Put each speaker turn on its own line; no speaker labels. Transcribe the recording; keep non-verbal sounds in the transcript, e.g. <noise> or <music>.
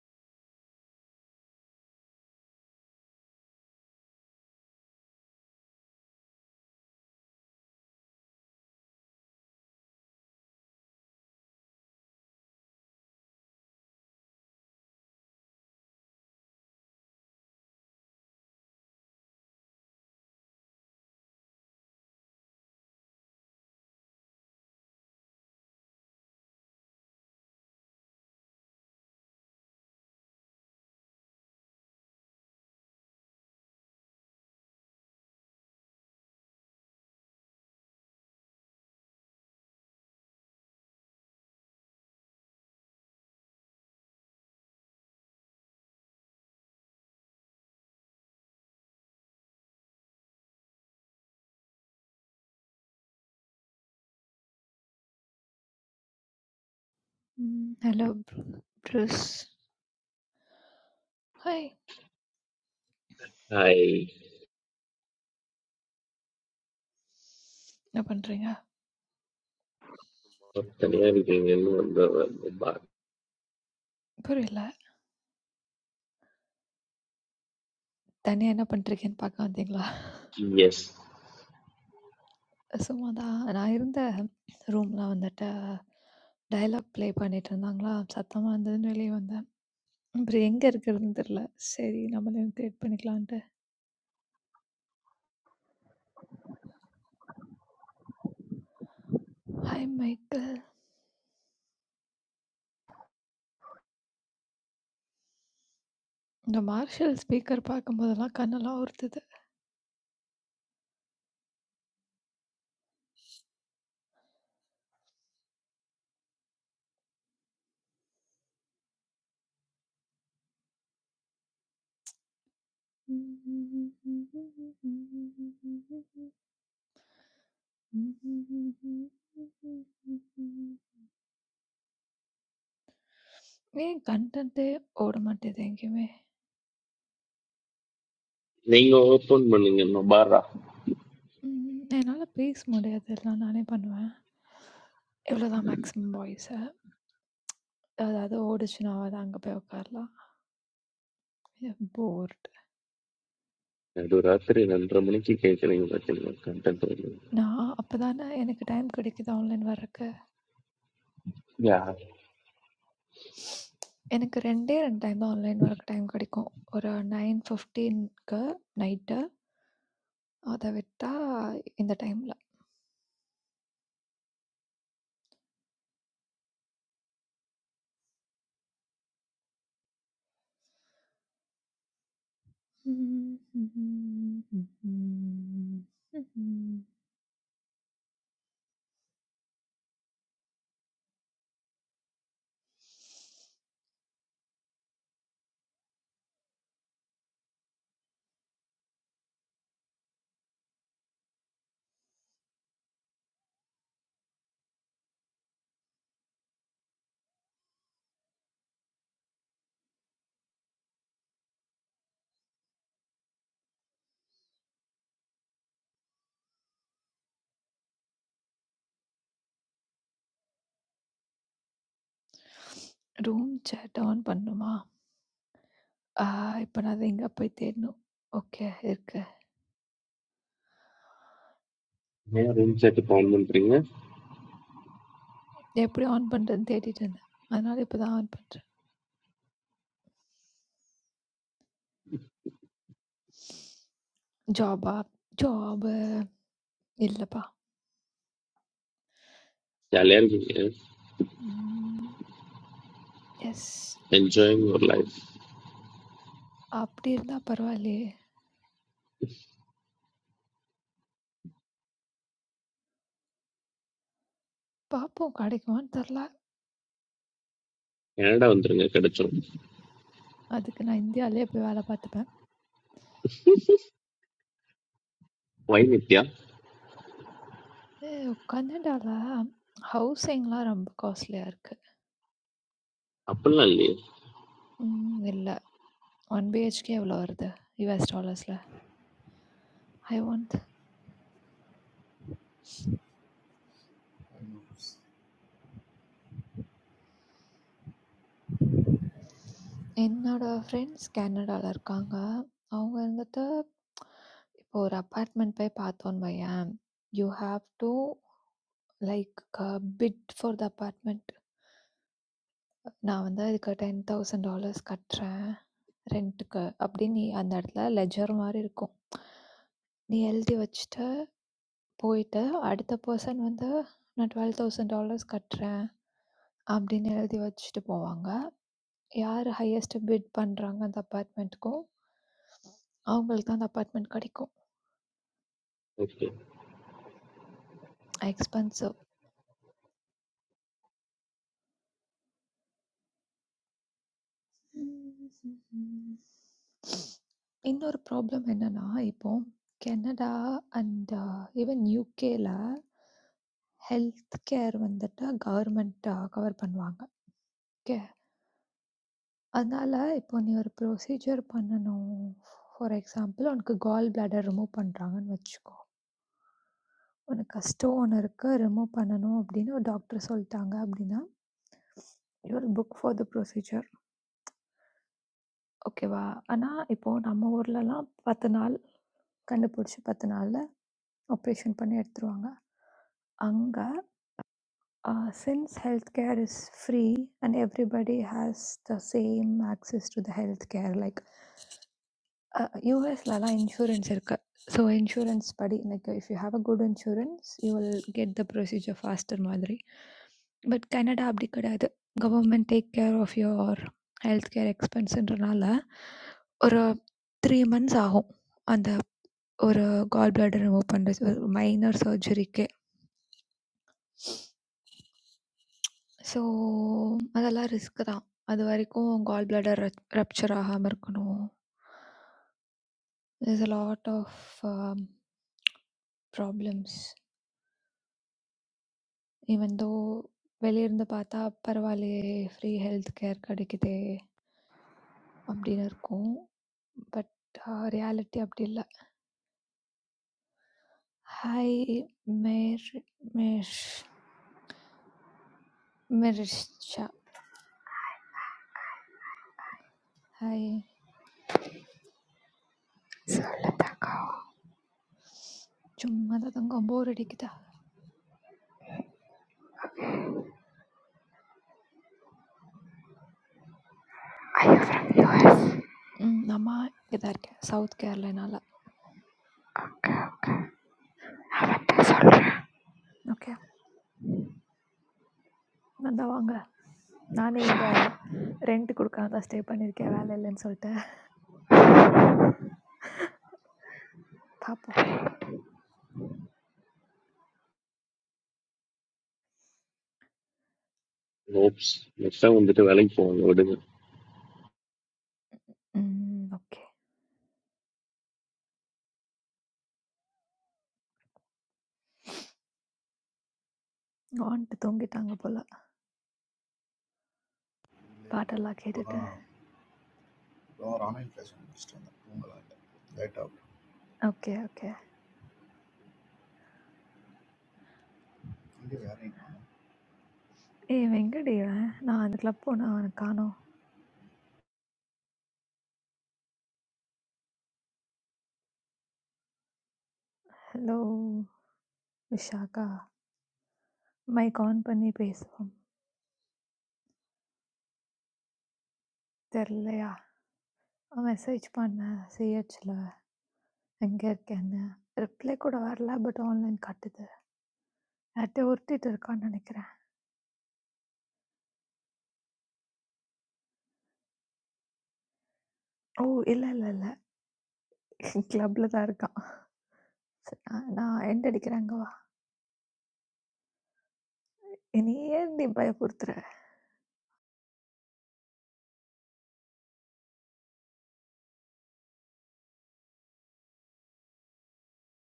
ம். ஹலோ ப்ரு Bruce. Hi!
Hi,
என்ன பண்றீங்க?
how are you doing?
புரியல. தனியா என்ன பண்ட்ருக்கேன்னு பாக்க வந்தீங்களா?
Yes.
சும்மாதான். நான் இருந்த ரூம்ல வந்துட்டு டயலாக் ப்ளே பண்ணிட்டு இருந்தாங்களா, சத்தமா இருந்ததுன்னு வெளிய வந்தேன். அப்புறம் எங்க இருக்கிறதுன்னு தெரியல. சரி நம்மளே கிரியேட் பண்ணிக்கலான்ட்டு. Hi Michael. இந்த மார்ஷல் ஸ்பீக்கர் பார்க்கும்போதெல்லாம் கண்ணெல்லாம் உறுத்துது. <laughs> ஏன் கன்டென்ட்டே ஓட மாட்டேது எங்கேயுமே.
Ningo open malingin na baba.
ம். என்னால பேச முடியாது. எல்லாம் நானே பண்ணுவேன். இவ்வளோதான் மேக்ஸிமம் வாய்ஸு. அதாவது ஓடுச்சுன்னா தான் அங்க போய் உட்காரலாம். போர்ட்.
Durating nandram ni kita nang bata ng content provider.
நான் அப்ப தானே எனக்கு டைம் கிடைக்குது ஆன்லைன் வர்றக்கு.
Yeah.
எனக்கு 2டே 2 டைம் தான் ஆன்லைன் வர்றக்கு டைம் கிடைக்கும். ஒரு 9:15க்கு நைட்டு. அத விட்டா இந்த டைம்ல. ரூம் சேட் ஆன் பண்ணணுமா? <laughs> ஆ இப்ப நான் அத எங்க போய் தேடணும். ஓகே இருக்கு.
My room set up on Monday. How
எப்படி ஆன் பண்றதுன்னு தேடிட்டு இருந்தேன். அதனால இப்ப தான் ஆன் பண்றேன். ஜாபா? ஜாபு இல்லப்பா.
are you?
ம். எஸ்.
Enjoying your life.
அப்படி இருந்தா பரவாயில்லையே! பார்ப்போம் கிடைக்குமான்னு தெர்ல.
Canada nandring naka detroy.
அதுக்கு நான் இந்தியாலயே போய் வேலை பார்த்துப்பேன்.
Why nitiya?
ஏ கனடால ஹவுசிங்லாம் ரொம்ப காஸ்ட்லியா இருக்கு.
Apple na lile.
ம் இல்ல. 1 BHK எவ்வளோ வருது? US டாலர்ஸ்ல. ஐ வாண்ட் என்னோட ஃப்ரெண்ட்ஸ் கனடால இருக்காங்க. அவங்க வந்துட்டு இப்போ ஒரு அப்பார்ட்மெண்ட் போய் பார்த்தோம்ன்னு வையேன், you have to like a bit for the apartment. நான் வந்து அதுக்கு $10,000 கட்டுறேன் ரென்ட்டுக்கு அப்படின்னு நீ அந்த இடத்துல லெட்ஜர் மாரி இருக்கும். நீ எழுதி வச்சுட்டு போயிட்டு அடுத்த பெர்சன் வந்து நான் $12,000 கட்டுறேன் அப்படின்னு எழுதி வச்சுட்டு போவாங்க. யார் ஹையஸ்ட் பிட் பண்றாங்க அந்த அபார்ட்மெண்ட்டுக்கும், அவங்களுக்கு தான் அந்த அபார்ட்மெண்ட் கிடைக்கும்.
Okay.
எக்ஸ்பென்சிவ். இன்னொரு ப்ராப்ளம் என்னன்னா, இப்போ கனடா அண்ட் ஈவன் யுகேல ஹெல்த் கேர் வந்துட்டு கவர்மெண்ட் கவர் பண்ணுவாங்க. ஓகே. அதனால இப்போ நீ ஒரு ப்ரொசீஜர் பண்ணணும். ஃபார் எக்ஸாம்பிள் உனக்கு கால் பிளாடர் ரிமூவ் பண்றாங்கன்னு வச்சுக்கோ. உனக்கு கஷ்டம் ஒன்று இருக்குது ரிமூவ் பண்ணணும் அப்படின்னு ஒரு டாக்டர் சொல்லிட்டாங்க அப்படின்னா your book for the procedure ஓகேவா ஆனால் இப்போது நம்ம ஊர்லலாம் பத்து நாள் கண்டுபிடிச்சி பத்து நாளில் ஆப்ரேஷன் பண்ணி எடுத்துருவாங்க அங்கே since health care is free and everybody has the same access to the health care like a யுஎஸ்லலாம் இன்சூரன்ஸ் இருக்கு. ஸோ இன்சூரன்ஸ் படி like if you have a good insurance, you will get the procedure faster மாதிரி. But Canada அப்படி கிடையாது. Government take care of your health care எக்ஸ்பென்ஸ்ன்றனால ஒரு 3 months ஆகும். அந்த ஒரு கால் பிளாடர் ரிமூவ் பண்றது ஒரு மைனர் சர்ஜரிக்கே. ஸோ அதெல்லாம் ரிஸ்க் தான். அது வரைக்கும் கால் பிளாடர் ரப் ரப்சர் ஆகாம இருக்கணும். There's a lot of um, problems even though வெளியிருந்து பார்த்தா பரவாயில்லையே ஃப்ரீ ஹெல்த் கேர் கிடைக்குதே அப்படின்னு இருக்கும் பட் ரியாலிட்டி அப்படி இல்லை ஹாய் மேர் மேர் மெரிஷா ஹாய்
Sir,
சும்மா தான் தங்கம் போர் அடிக்குதா
Are you from
ம் அம்மா இங்கே தான் இருக்கேன் சவுத் கேரளானால
US?
ஓகே வந்தா வாங்க நானே இங்கே ரெண்ட் கொடுக்காம தான் ஸ்டே பண்ணியிருக்கேன் வேலை இல்லைன்னு சொல்லிட்டு பாப்போம்.
Oops. Next time unde to valing phone.
ம். ஓகே. வான்ட்டு தூங்கிட்டாங்க போல.
Like
பாட்டெல்லாம் கேட்டுட்டு.
that, or online fashionista, or something like that. That type.
Okay, okay.
Only, yeah, I mean, no.
ஏய் இவன் எங்கடி இவன்? நான் அந்த கிளப் போனா அவன காணோம். ஹலோ! விஷாக்கா. மைக் ஆன் பண்ணி பேசுவோம். தெர்லையா? அவன் மெசேஜ் பண்ணேன் சிஹெச்ல. எங்க இருக்கேன்னு. ரிப்ளை கூட வரல. பட் ஆன்லைன் காட்டுது. யார்ட்டயோ உருட்டிட்டு இருக்கான்னு நெனைக்கிறேன். ஓ! இல்ல, இல்ல, இல்ல. <laughs> கிளப்ல தான் இருக்கான். சரி நான் நான் எண்ட் அடிக்கிறேன். அங்க வா. என்னைய ஏன்டி பயமுறுத்துற?